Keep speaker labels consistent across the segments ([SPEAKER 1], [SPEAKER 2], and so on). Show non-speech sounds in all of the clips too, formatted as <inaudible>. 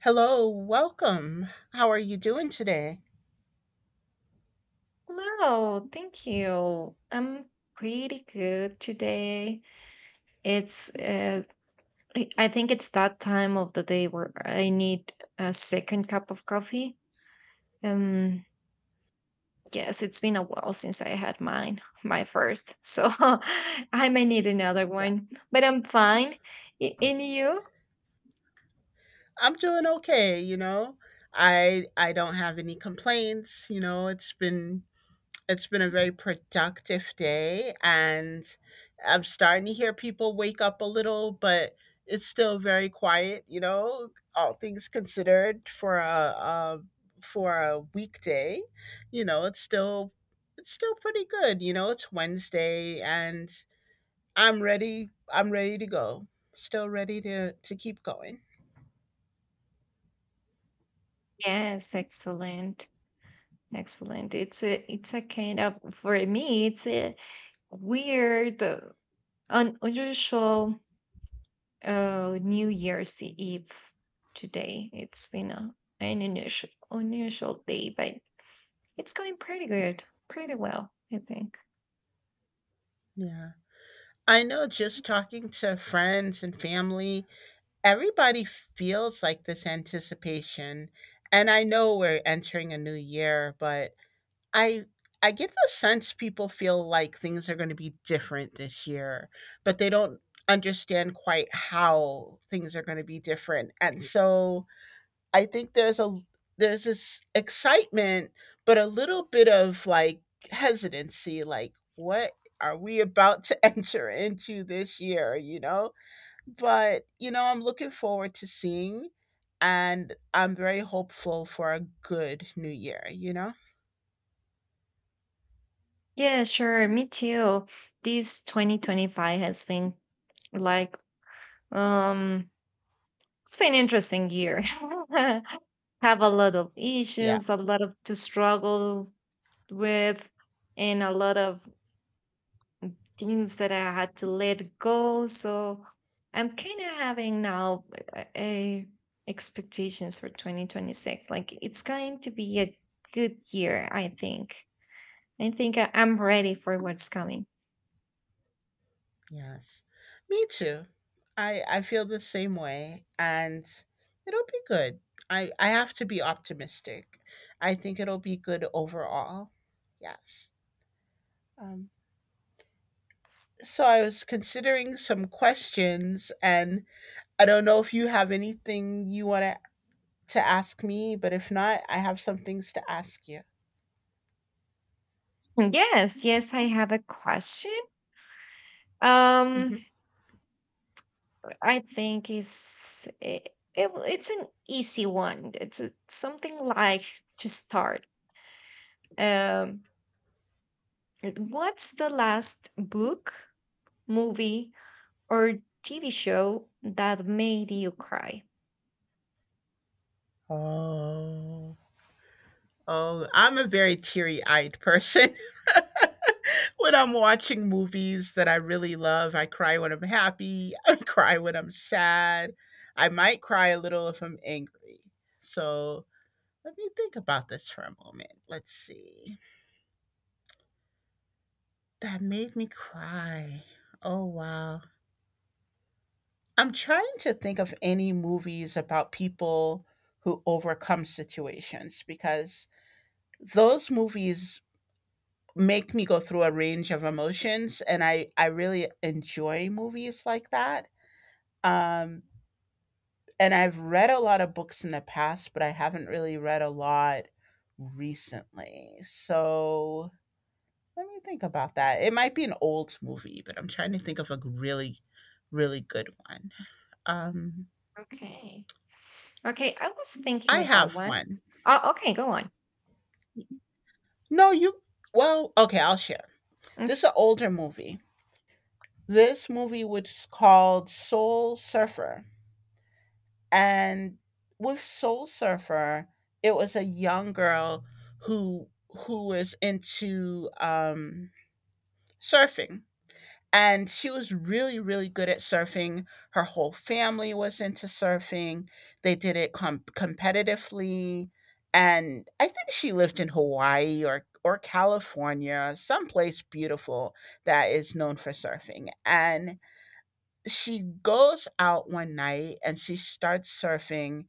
[SPEAKER 1] Hello, welcome. How are you doing today?
[SPEAKER 2] Hello, thank you. I'm pretty good today. It's I think it's that time of the day where I need a second cup of coffee. Um, yes, it's been a while since I had mine, <laughs> my first, so <laughs> I may need another
[SPEAKER 1] Yeah,
[SPEAKER 2] one, but I'm fine. In you?
[SPEAKER 1] I'm doing okay, you know. I don't have any complaints, you know. It's been a very productive day and I'm starting to hear people wake up a little, but it's still very quiet, you know, all things considered for a for a weekday. You know, it's still pretty good, you know. It's Wednesday and I'm ready. I'm ready to go. Still ready to keep going.
[SPEAKER 2] Yes, excellent. Excellent. It's a kind of, for me, it's a weird, un unusual New Year's Eve today. It's been an unusual, unusual day, but it's going pretty good, pretty well, I think.
[SPEAKER 1] Yeah. I know, just talking to friends and family, everybody feels like this anticipation. And I know we're entering a new year, but I I get the sense people feel like things are going to be different this year, but they don't understand quite how things are going to be different. And so I think there's this excitement, but a little bit of like hesitancy, like what are we about to <laughs> enter into this year, you know? But you know, I'm looking forward to seeing, and I'm very hopeful for a good new year, you know?
[SPEAKER 2] Yeah, sure. Me too. This 2025 has been like, um, it's been an interesting year. <laughs> Have a lot of
[SPEAKER 1] Yeah.
[SPEAKER 2] issues, a lot of to struggle with, and a lot of things that I had to let go. So I'm kind of having now a expectations for 2026. Like, it's going to be a good year, I think. I think I'm ready for what's coming.
[SPEAKER 1] Yes. Me too. I feel the same way, and it'll be good. I have to be optimistic. I think it'll be good overall. Yes. Um, so I was considering some questions, and I don't know if you have anything you want to ask me, but if not, I have some things to ask you.
[SPEAKER 2] Yes, yes, I have a question. Um,
[SPEAKER 1] Mhm.
[SPEAKER 2] I think it's an easy one. It's something like to start. Um, what's the last book, movie, or TV show that made you cry?
[SPEAKER 1] Oh, oh, I'm a very teary eyed person. <laughs> When I'm watching movies that I really love, I cry when I'm happy. <laughs> I cry when I'm sad. I might cry a little if I'm angry. So let me think about this for a moment. Let's see. That made me cry. Oh, wow. I'm trying to think of any movies about people who overcome situations, because those movies make me go through a range of emotions, and I really enjoy movies like that. Um and I've read a lot of books in the past, but I haven't really read a lot recently. So, let me think about that. It might be an old movie, but I'm trying to think of a really, really good one. Um,
[SPEAKER 2] Okay. Okay, I was
[SPEAKER 1] I
[SPEAKER 2] thinking about
[SPEAKER 1] have
[SPEAKER 2] one.
[SPEAKER 1] one.
[SPEAKER 2] Oh, okay, go on.
[SPEAKER 1] No, you. Well, okay, I'll share.
[SPEAKER 2] Mm.
[SPEAKER 1] This is an older movie. This movie was called Soul Surfer, and with Soul Surfer, it was a young girl who was into surfing, and she was really, really good at surfing. Her whole family was into surfing. They did it competitively, and I think she lived in Hawaii or California, someplace beautiful that is known for surfing. And she goes out one night and she starts surfing,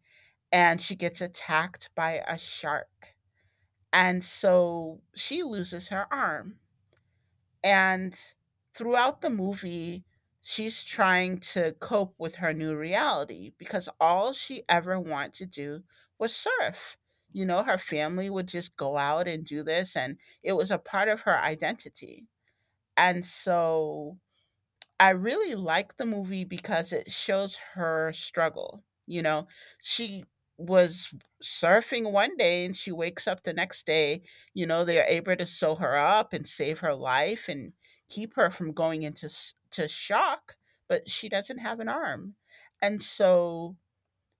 [SPEAKER 1] and she gets attacked by a shark, and so she loses her arm. And throughout the movie, she's trying to cope with her new reality, because all she ever wanted to do was surf. You know, her family would just go out and do this, and it was a part of her identity. And so I really like the movie because it shows her struggle. You know, she was surfing one day and she wakes up the next day. You know, they are able to sew her up and save her life and keep her from going into to shock, but she doesn't have an arm. And so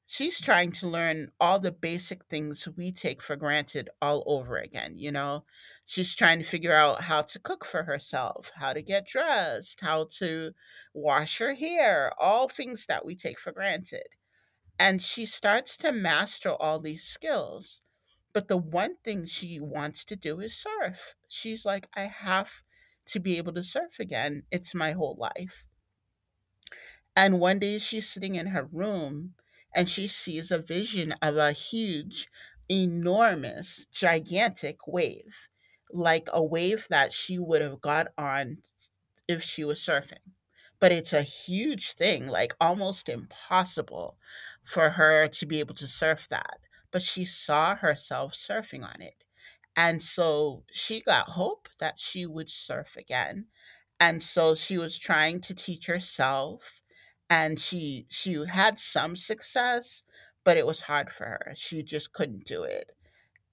[SPEAKER 1] she's trying to learn all the basic things we take for granted all over again. You know, she's trying to figure out how to cook for herself, how to get dressed, how to wash her hair, all things that we take for granted. And she starts to master all these skills, but the one thing she wants to do is surf. She's like, I have to be able to surf again, it's my whole life. And one day she's sitting in her room and she sees a vision of a huge, enormous, gigantic wave, like a wave that she would have got on if she was surfing. But it's a huge thing, like almost impossible for her to be able to surf that. But she saw herself surfing on it. And so she got hope that she would surf again. And so she was trying to teach herself, and she had some success, but it was hard for her. She just couldn't do it.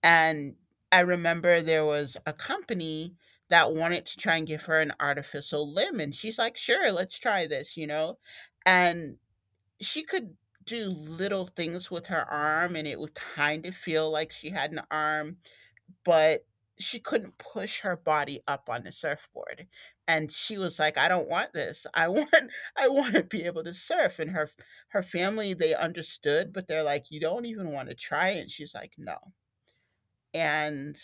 [SPEAKER 1] And I remember there was a company that wanted to try and give her an artificial limb, and she's like, "Sure, let's try this," you know? And she could do little things with her arm and it would kind of feel like she had an arm, but she couldn't push her body up on the surfboard. And she was like, I don't want this, I <laughs> want to be able to surf. And her her family they understood, but they're like, you don't even want to try it, and she's like, no. And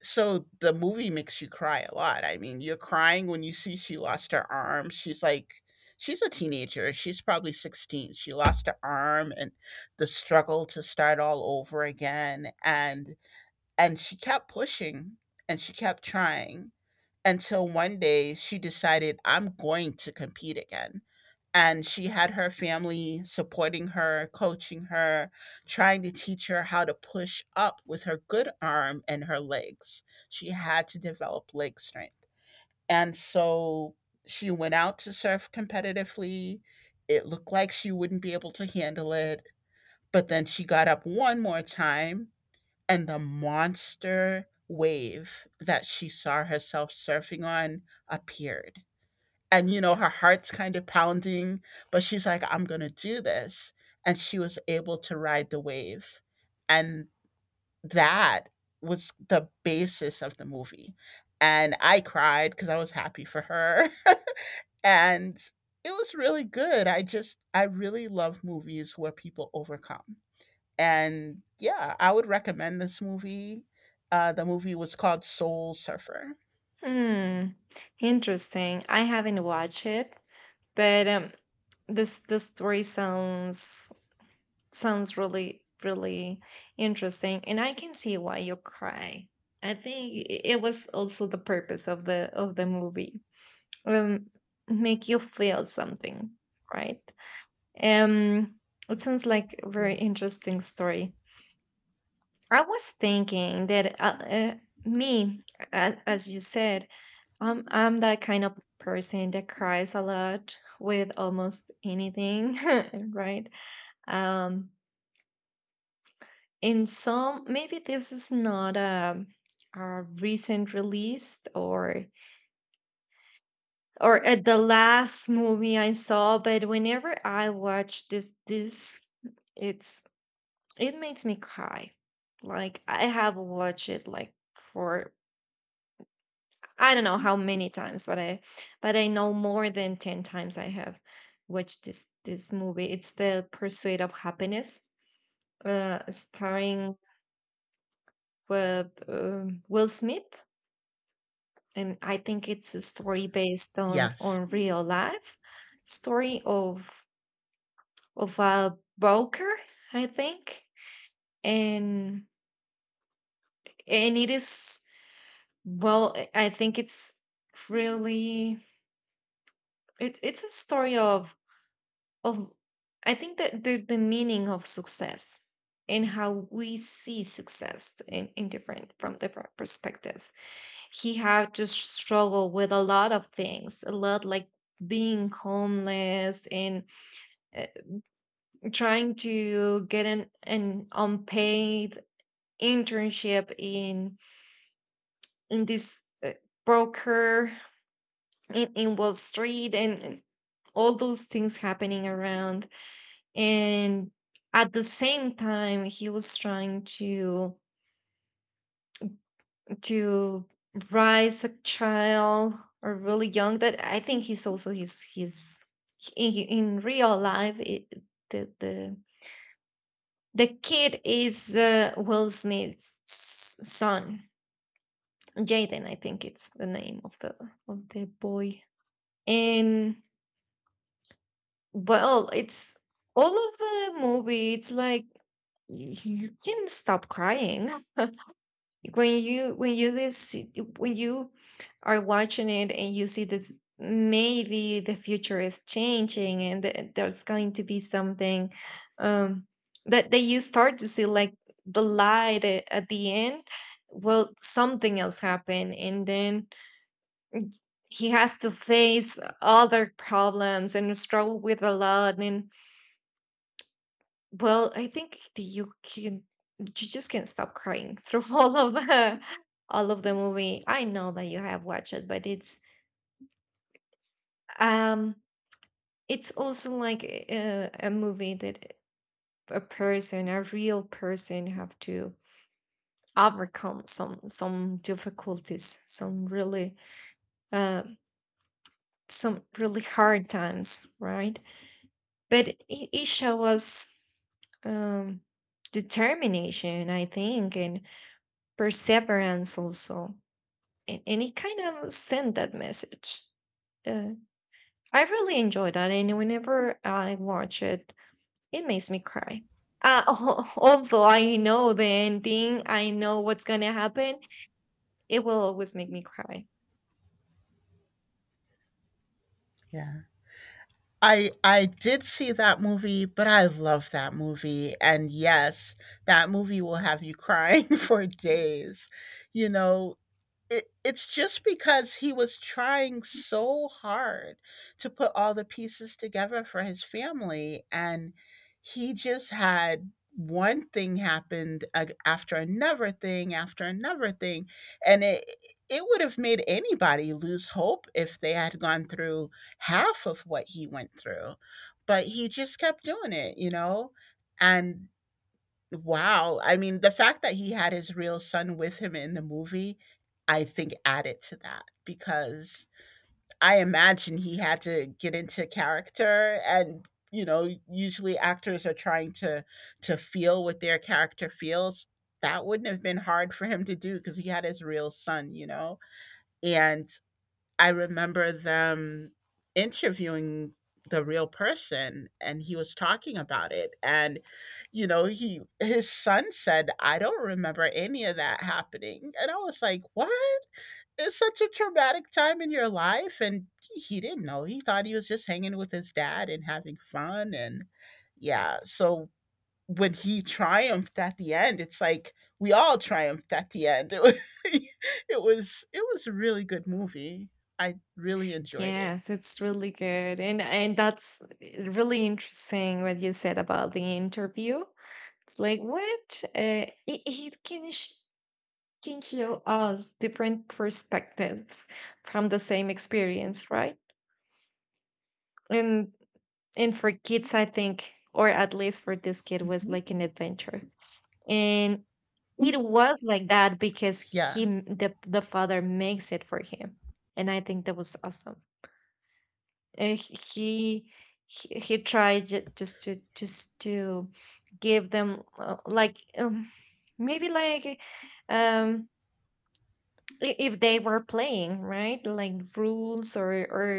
[SPEAKER 1] so the movie makes you cry a lot. I mean, you're crying when you see she lost her arm. She's like, she's a teenager, she's probably 16. She lost her arm, and the struggle to start all over again. And she kept pushing, and she kept trying, until one day she decided, I'm going to compete again. And she had her family supporting her, coaching her, trying to teach her how to push up with her good arm and her legs. She had to develop leg strength. And so she went out to surf competitively. It looked like she wouldn't be able to handle it. But then she got up one more time, and the monster wave that she saw herself surfing on appeared. And, you know, her heart's kind of pounding, but she's like, I'm going to do this. And she was able to ride the wave. And that was the basis of the movie. And I cried because I was happy for her. <laughs> And it was really good. I just, I really love movies where people overcome. And yeah, I would recommend this movie. The movie was called Soul Surfer.
[SPEAKER 2] Hmm, interesting. I haven't watched it, but this story sounds really, really interesting, and I can see why you cry. I think it was also the purpose of the movie, um, make you feel something, right? Um, it sounds like a very
[SPEAKER 1] Yeah.
[SPEAKER 2] interesting story. I was thinking that me, as you said, I'm that kind of person that cries a lot with almost anything, <laughs> right? Um, in some, maybe this is not a recent release or at the last movie I saw, but whenever I watch this it's it makes me cry. Like, I have watched it like for I don't know how many times, but I know more than 10 times I have watched this movie. It's The Pursuit of Happiness, starring with Will Smith, and I think it's a story based on
[SPEAKER 1] Yes.
[SPEAKER 2] on real life, story of a broker, I think. And it is, well, I think it's really, it's a story of, of I think, that the meaning of success, and how we see success in, different, from different perspectives. He had to struggle with a lot of things, a lot, like being homeless, and uh, trying to get an unpaid internship in this broker, in Wall Street, and all those things happening around. And at the same time, he was trying to rise a child, or really young. That, I think, he's also, his, in, real life, the, the kid is Will Smith's son, Jaden. I think it's the name of the boy. And, well, it's all of the movie. It's like, you can't stop crying when you this when you are watching it, and you see this. Maybe the future is changing, and there's going to be something, um, that you start to see, like the light at the end. Well, something else happened, and then he has to face other problems and struggle with a lot. And, well, I think that you just can't stop crying through <laughs> all of the movie. I know that you have watched it, but um it's also like a movie that a person, a real person, have to overcome some, difficulties, some really, uh hard times, right? But it shows us, um determination, I think, and perseverance also, and, it kind of sent that message. Uh, I really enjoy that, and whenever I watch it, it makes me cry. Uh, <laughs> although I know the ending, I know what's gonna happen, it will always make me cry.
[SPEAKER 1] Yeah. I did see that movie, but I love that movie. And yes, that movie will have you crying <laughs> for days. You know, it's just because he was trying so hard to put all the pieces together for his family, and he just had one thing happened after another thing after another thing, and it would have made anybody lose hope if they had gone through half of what he went through. But he just kept doing it, you know. And wow. I mean, the fact that he had his real son with him in the movie, I think, added to that, because I imagine he had to get into character and, you know, usually actors are trying to feel what their character feels. That wouldn't have been hard for him to do because he had his real son, you know. And I remember them interviewing the real person, and he was talking about it, and you know, he his son said, I don't remember any of that happening, and I was like, what? It's such a traumatic time in your life, and he didn't know. He thought he was just hanging with his dad and having fun. And yeah, so when he triumphed at the end, it's like we all triumphed at the end. It was, <laughs> it was a really good movie. I really enjoyed it.
[SPEAKER 2] Yes, it's really good. And that's really interesting, what you said about the interview. It's like, what it, it can sh- can show us different perspectives from the same experience, right? And for kids, I think, or at least for this kid, was
[SPEAKER 1] Mhm.
[SPEAKER 2] like an adventure. And it was like that because
[SPEAKER 1] Yeah,
[SPEAKER 2] the father makes it for him, and I think that was awesome. And he tried, just to give them, like, maybe like, um if they were playing, right, like rules, or, or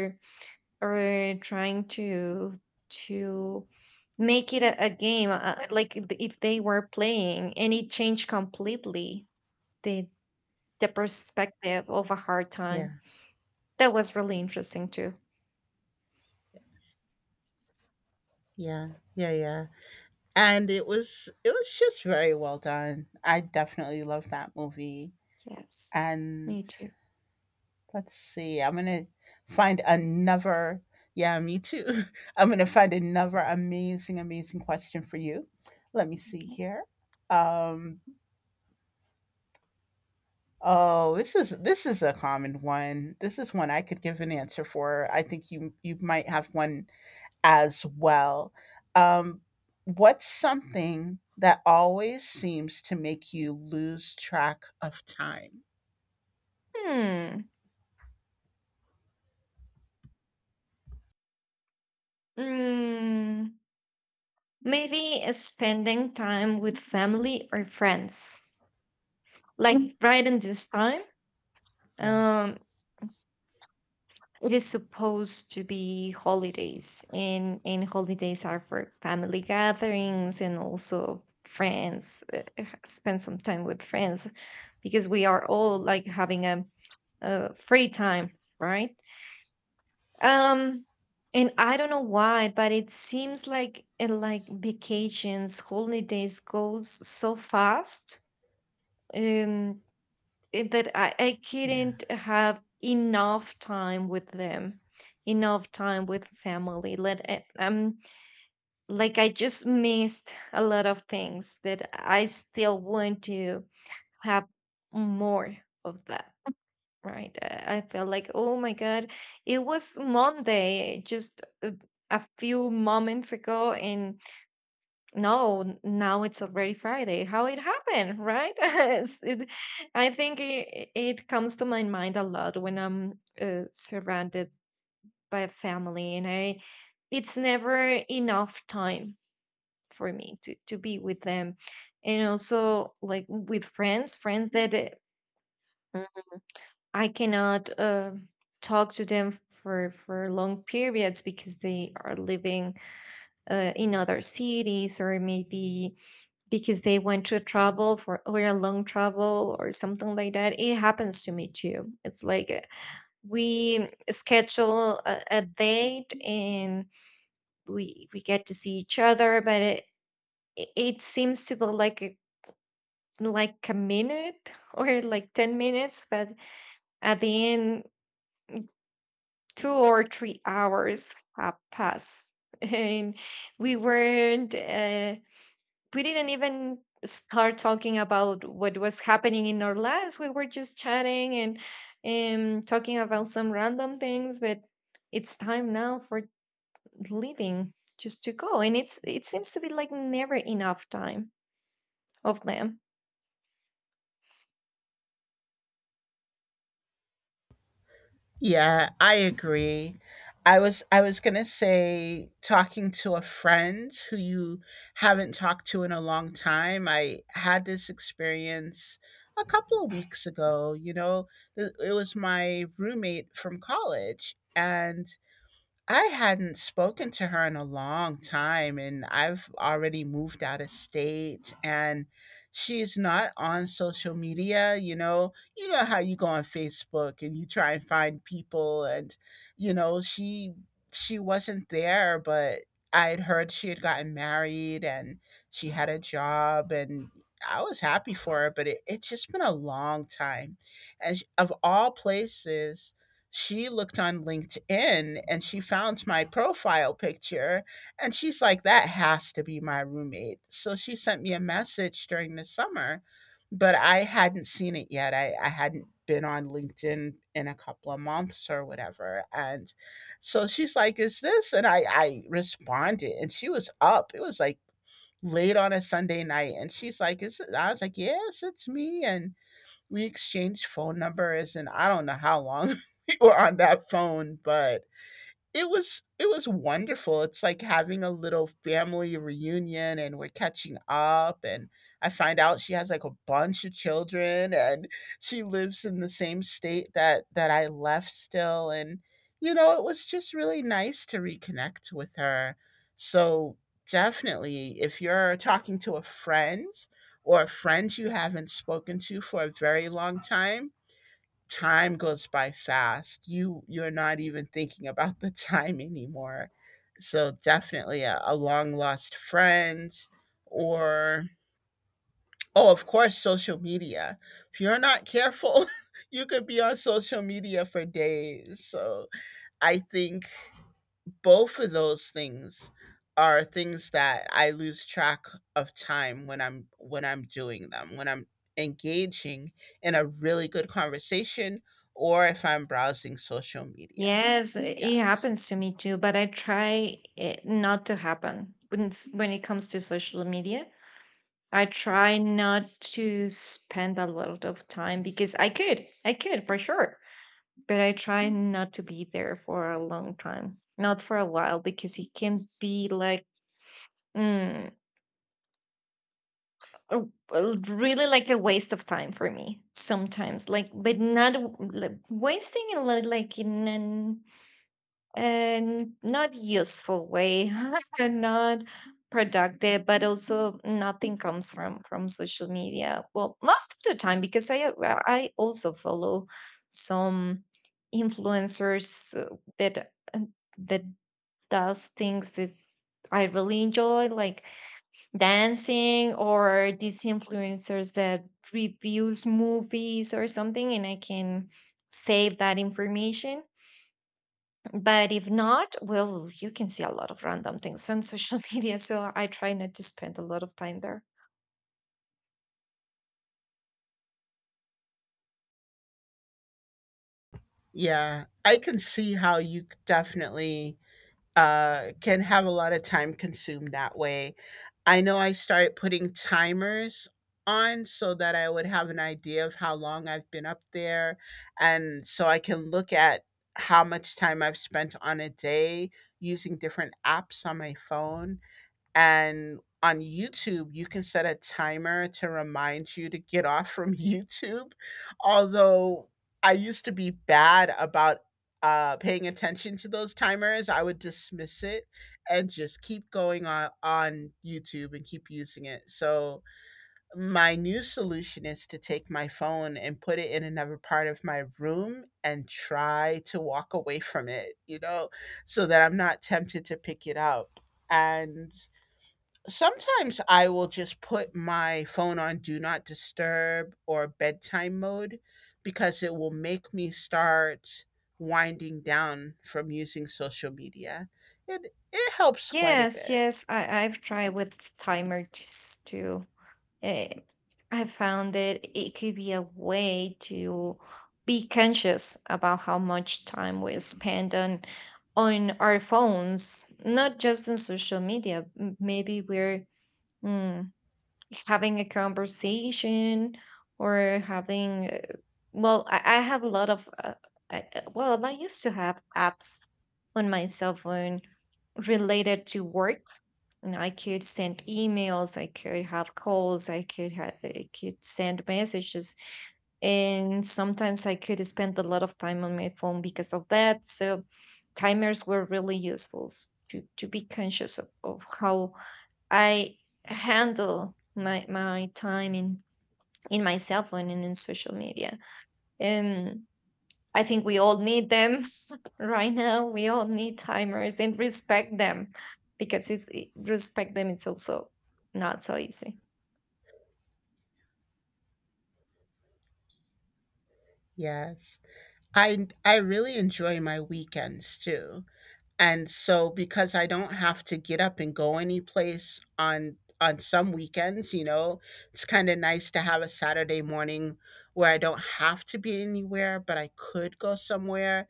[SPEAKER 2] or trying to make it a game, like, if, they were playing. And it changed completely the, perspective of a hard
[SPEAKER 1] yeah,
[SPEAKER 2] time. That was really interesting too.
[SPEAKER 1] yeah, yeah, yeah. And it was just very well done. I definitely love that movie.
[SPEAKER 2] Yes,
[SPEAKER 1] And
[SPEAKER 2] me too.
[SPEAKER 1] let's see, I'm gonna find another. Yeah, me too. <laughs> I'm gonna find another amazing, amazing question for you. Let me see here. Um, Oh, this is a common one. This is one I could give an answer for. I think you might have one as well. Um, what's something that always seems to make you lose track of time?
[SPEAKER 2] Hmm mm, maybe uh, spending time with family or friends, like right in this time.
[SPEAKER 1] Yes.
[SPEAKER 2] um it is supposed to be holidays, and holidays are for family gatherings, and also friends, spend some time with friends, because we are all, like, having a free time, right? um and I don't know why, but it seems like, like, vacations, holidays goes so fast. um that I,
[SPEAKER 1] Yeah.
[SPEAKER 2] couldn't have enough time with them, enough time with family, like, I just missed a lot of things that I still want to have more of, that, right? I felt like, oh my god, it was Monday just a few moments ago, and no, n- now it's already Friday. How it happened, right? <laughs> I think it comes to my mind a lot when I'm, surrounded by family, and I it's never enough time for me to be with them. And also, like, with friends that, Mm. I cannot, talk to them for, long periods because they are living, in other cities, or maybe because they went to travel for, or a long travel, or something like that. It happens to me too. It's like, we schedule a date, and we get to see each other, but it seems to be like a minute <laughs> or like 10 minutes, but at the end, 2 or 3 hours have passed, <laughs> and we weren't. We didn't even start talking about what was happening in our lives. We were just chatting and, talking about some random things, but it's time now for leaving, just to go. And it seems to be like never enough time of them.
[SPEAKER 1] Yeah, I agree. I was gonna say, talking to a friend who you haven't talked to in a long time. I had this experience a couple of weeks ago. You know, it was my roommate from college, and I hadn't spoken to her in a long time, and I've already moved out of state, and she's not on social media. You know how you go on Facebook and you try and find people, and you know she wasn't there. But I had heard she had gotten married and she had a job, and I was happy for her, but it's just been a long time, and of all places, she looked on LinkedIn and she found my profile picture, and she's like, that has to be my roommate. So she sent me a message during the summer, but I hadn't seen it yet. I hadn't been on LinkedIn in a couple of months or whatever. And so she's like, "Is this?" And I responded and she was up. It was like late on a Sunday night. And she's like, "Is it?" I was like, "Yes, it's me." And we exchanged phone numbers, and I don't know how long <laughs> we were on that phone, but it was wonderful. It's like having a little family reunion and we're catching up and I find out she has like a bunch of children and she lives in the same state that I left still and you know, it was just really nice to reconnect with her. So definitely if you're talking to a friend or a friend you haven't spoken to for a very long time, time goes by fast. You're not even thinking about the time anymore. So definitely a long lost friend or oh of course social media. If you're not careful, <laughs> you could be on social media for days. So I think both of those things are things that I lose track of time when I'm doing them, when I'm engaging in a really good conversation or if I'm browsing social media.
[SPEAKER 2] Yes, it
[SPEAKER 1] Yes.
[SPEAKER 2] happens to me too, but I try it not to happen when when it comes to social media. I try not to spend a lot of time, because I could, for sure, but I try not to be there for a long time, not for a while, because it can be like, mm, really like a waste of time for me sometimes. Like, but not like wasting it, like, in an and not useful way, <laughs> not productive. But also nothing comes from social media, well, most of the time, because I, well, I also follow some influencers, that does things that I really enjoy, like dancing, or these influencers that reviews movies or something, and I can save that information. But if not, well, you can see a lot of random things on social <laughs> media, so I try not to spend a lot of time there.
[SPEAKER 1] Yeah, I can see how you c- definitely can have a lot of time consumed that way. I know I started putting timers on so that I would have an idea of how long I've been up there, and so I can look at how much time I've spent on a day using different apps on my phone. And on YouTube, you can set a timer to remind you to get off from <laughs> YouTube. Although I used to be bad about paying attention to those timers. I would dismiss it and just keep going on YouTube and keep using it. So, my new solution is to take my phone and put it in another part of my room and try to walk away from it, you know, so that I'm not tempted to pick it up. And sometimes I will just put my phone on do not disturb or bedtime mode because it will make me start winding down from using social media. It helps quite a
[SPEAKER 2] Yes,
[SPEAKER 1] bit.
[SPEAKER 2] yes, I've tried with timer just to. Uh, I found that it could be a way to be conscious about how much time we spend on our phones, not just on social media. Maybe we're, hmm, having a conversation, or having, I have a lot of, I used to have apps on my cell phone related to work, and I could send emails, I could have calls, I could send messages, and sometimes I could spend a lot of time on my phone because of that. So timers were really useful, to, be conscious of, how I handle my time in, my cell phone, and in social media. Um, I think we all need them. <laughs> Right now, we all need timers and respect them, because it's, respect them, it's also not so easy.
[SPEAKER 1] Yes. I really enjoy my weekends too. And so because I don't have to get up and go anyplace on some weekends, you know, it's kind of nice to have a Saturday morning where I don't have to be anywhere, but I could go somewhere.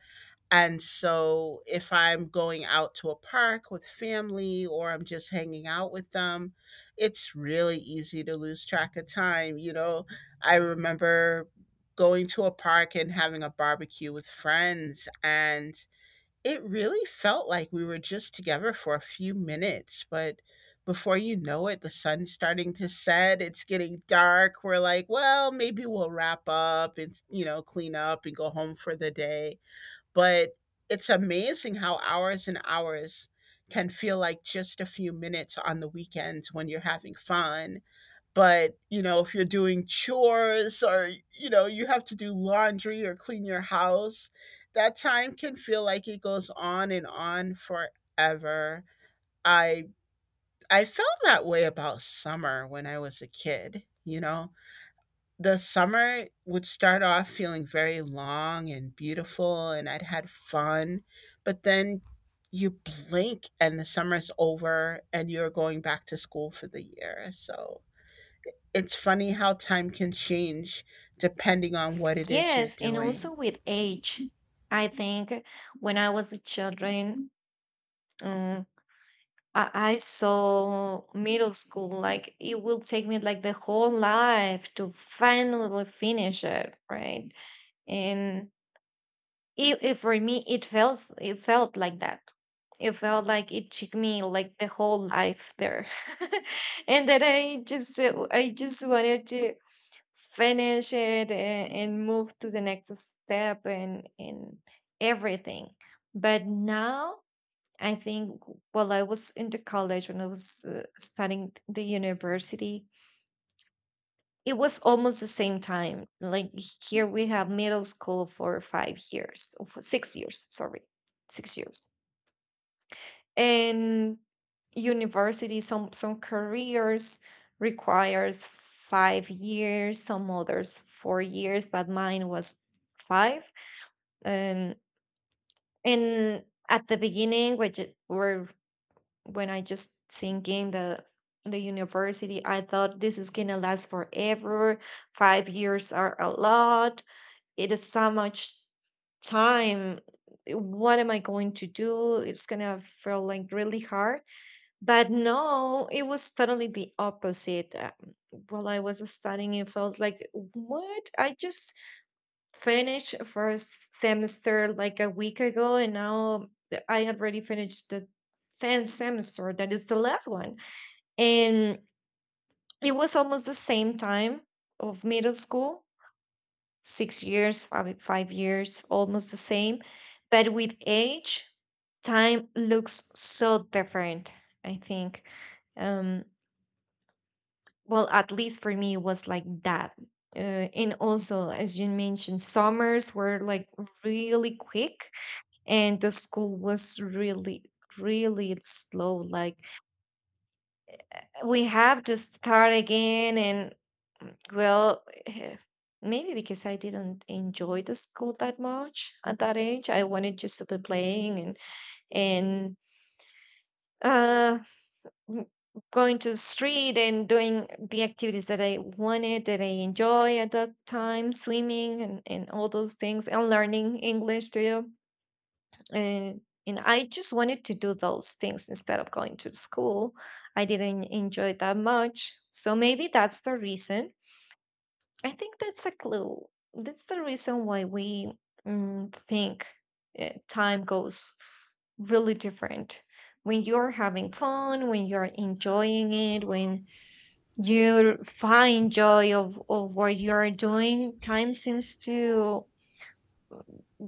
[SPEAKER 1] And so if I'm going out to a park with family or I'm just hanging out with them, it's really easy to lose track of time, you know. I remember going to a park and having a barbecue with friends and it really felt like we were just together for a few minutes, but before you know it, the sun's starting to set. It's getting dark. We're like, well, maybe we'll wrap up and, you know, clean up and go home for the day. But it's amazing how hours and hours can feel like just a few minutes on the weekends when you're having fun. But, you know, if you're doing chores or, you know, you have to do laundry or clean your house, that time can feel like it goes on and on forever. I I felt that way about summer when I was a kid, you know. The summer would start off feeling very long and beautiful and I'd had fun, but then you blink and the summer's over and you're going back to school for the year. So it's funny how time can change depending on what it is you're
[SPEAKER 2] Yes, and
[SPEAKER 1] doing.
[SPEAKER 2] also with age, I think, when I was a children, um, I, saw middle school like it will take me like the whole life to finally finish it, right? And it, for me, it felt like that, it felt like it took me like the whole life there. <laughs> And then I just, wanted to finish it, and, move to the next step, and everything. But now, I think, while I was in the college, when I was, studying the university, it was almost the same time. Like, here we have middle school for 5 years, or for 6 years, sorry, 6 years. And university, some, careers requires 5 years, some others 4 years, but mine was five. And at the beginning, which, were when I just thinking the, university, I thought this is gonna last forever, 5 years are a lot, it is so much time, what am I going to do, it's gonna feel like really hard. But no, it was totally the opposite. While I was studying, it felt like, what, I just finished first semester like a week ago, and now, I had already finished the 10th semester, that is the last one. And it was almost the same time of middle school, 6 years, 5 years, almost the same. But with age, time looks so different, I think. Um, well, at least for me, it was like that. And also, as you mentioned, summers were like really quick, and the school was really, really slow. Like, we have to start again, and, well, maybe because I didn't enjoy the school that much at that age. I wanted just to be playing, and, and uh m- going to the street, and doing the activities that I wanted, that I enjoy at that time, swimming, and, all those things, and learning English too. And I just wanted to do those things instead of going to school. I didn't enjoy that much. So maybe that's the reason, I think that's a clue. That's the reason why we, think, time goes really different. When you're having fun, when you're enjoying it, when you find joy of, what you're doing, time seems to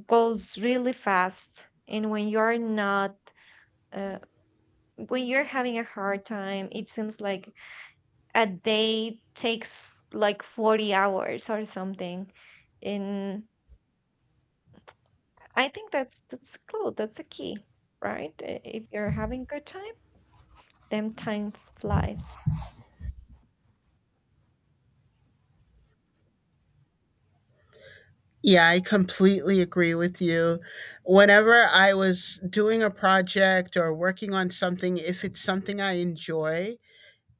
[SPEAKER 2] goes really fast. And when you're not, uh, when you're having a hard time, it seems like a day takes like 40 hours or something. And I think that's cool. That's a key, right? If you're having good time, then time flies.
[SPEAKER 1] Yeah, I completely agree with you. Whenever I was doing a project or working on something, if it's something I enjoy,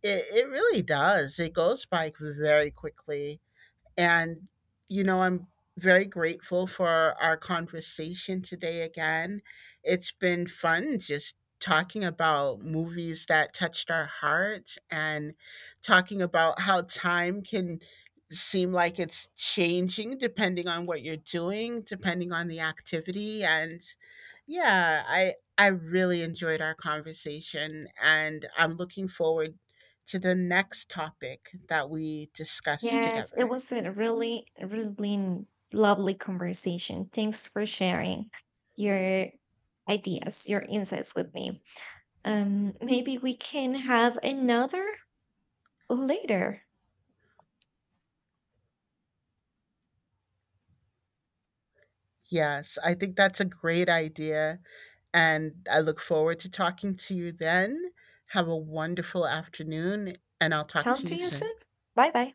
[SPEAKER 1] it really does. It goes by very quickly. And, you know, I'm very grateful for our conversation today again. It's been fun just talking about movies that touched our hearts and talking about how time can seem like it's changing depending on what you're doing, depending on the activity. And yeah, I really enjoyed our conversation and I'm looking forward to the next topic that we discuss
[SPEAKER 2] Yes, it
[SPEAKER 1] together.
[SPEAKER 2] was a really, really, lovely conversation. Thanks for sharing your ideas, your insights with me. Maybe we can have another later.
[SPEAKER 1] Yes, I think that's a great idea. And I look forward to talking to you then. Have a wonderful afternoon, and I'll talk
[SPEAKER 2] Talk
[SPEAKER 1] to
[SPEAKER 2] to
[SPEAKER 1] you
[SPEAKER 2] you
[SPEAKER 1] soon.
[SPEAKER 2] soon. Bye bye.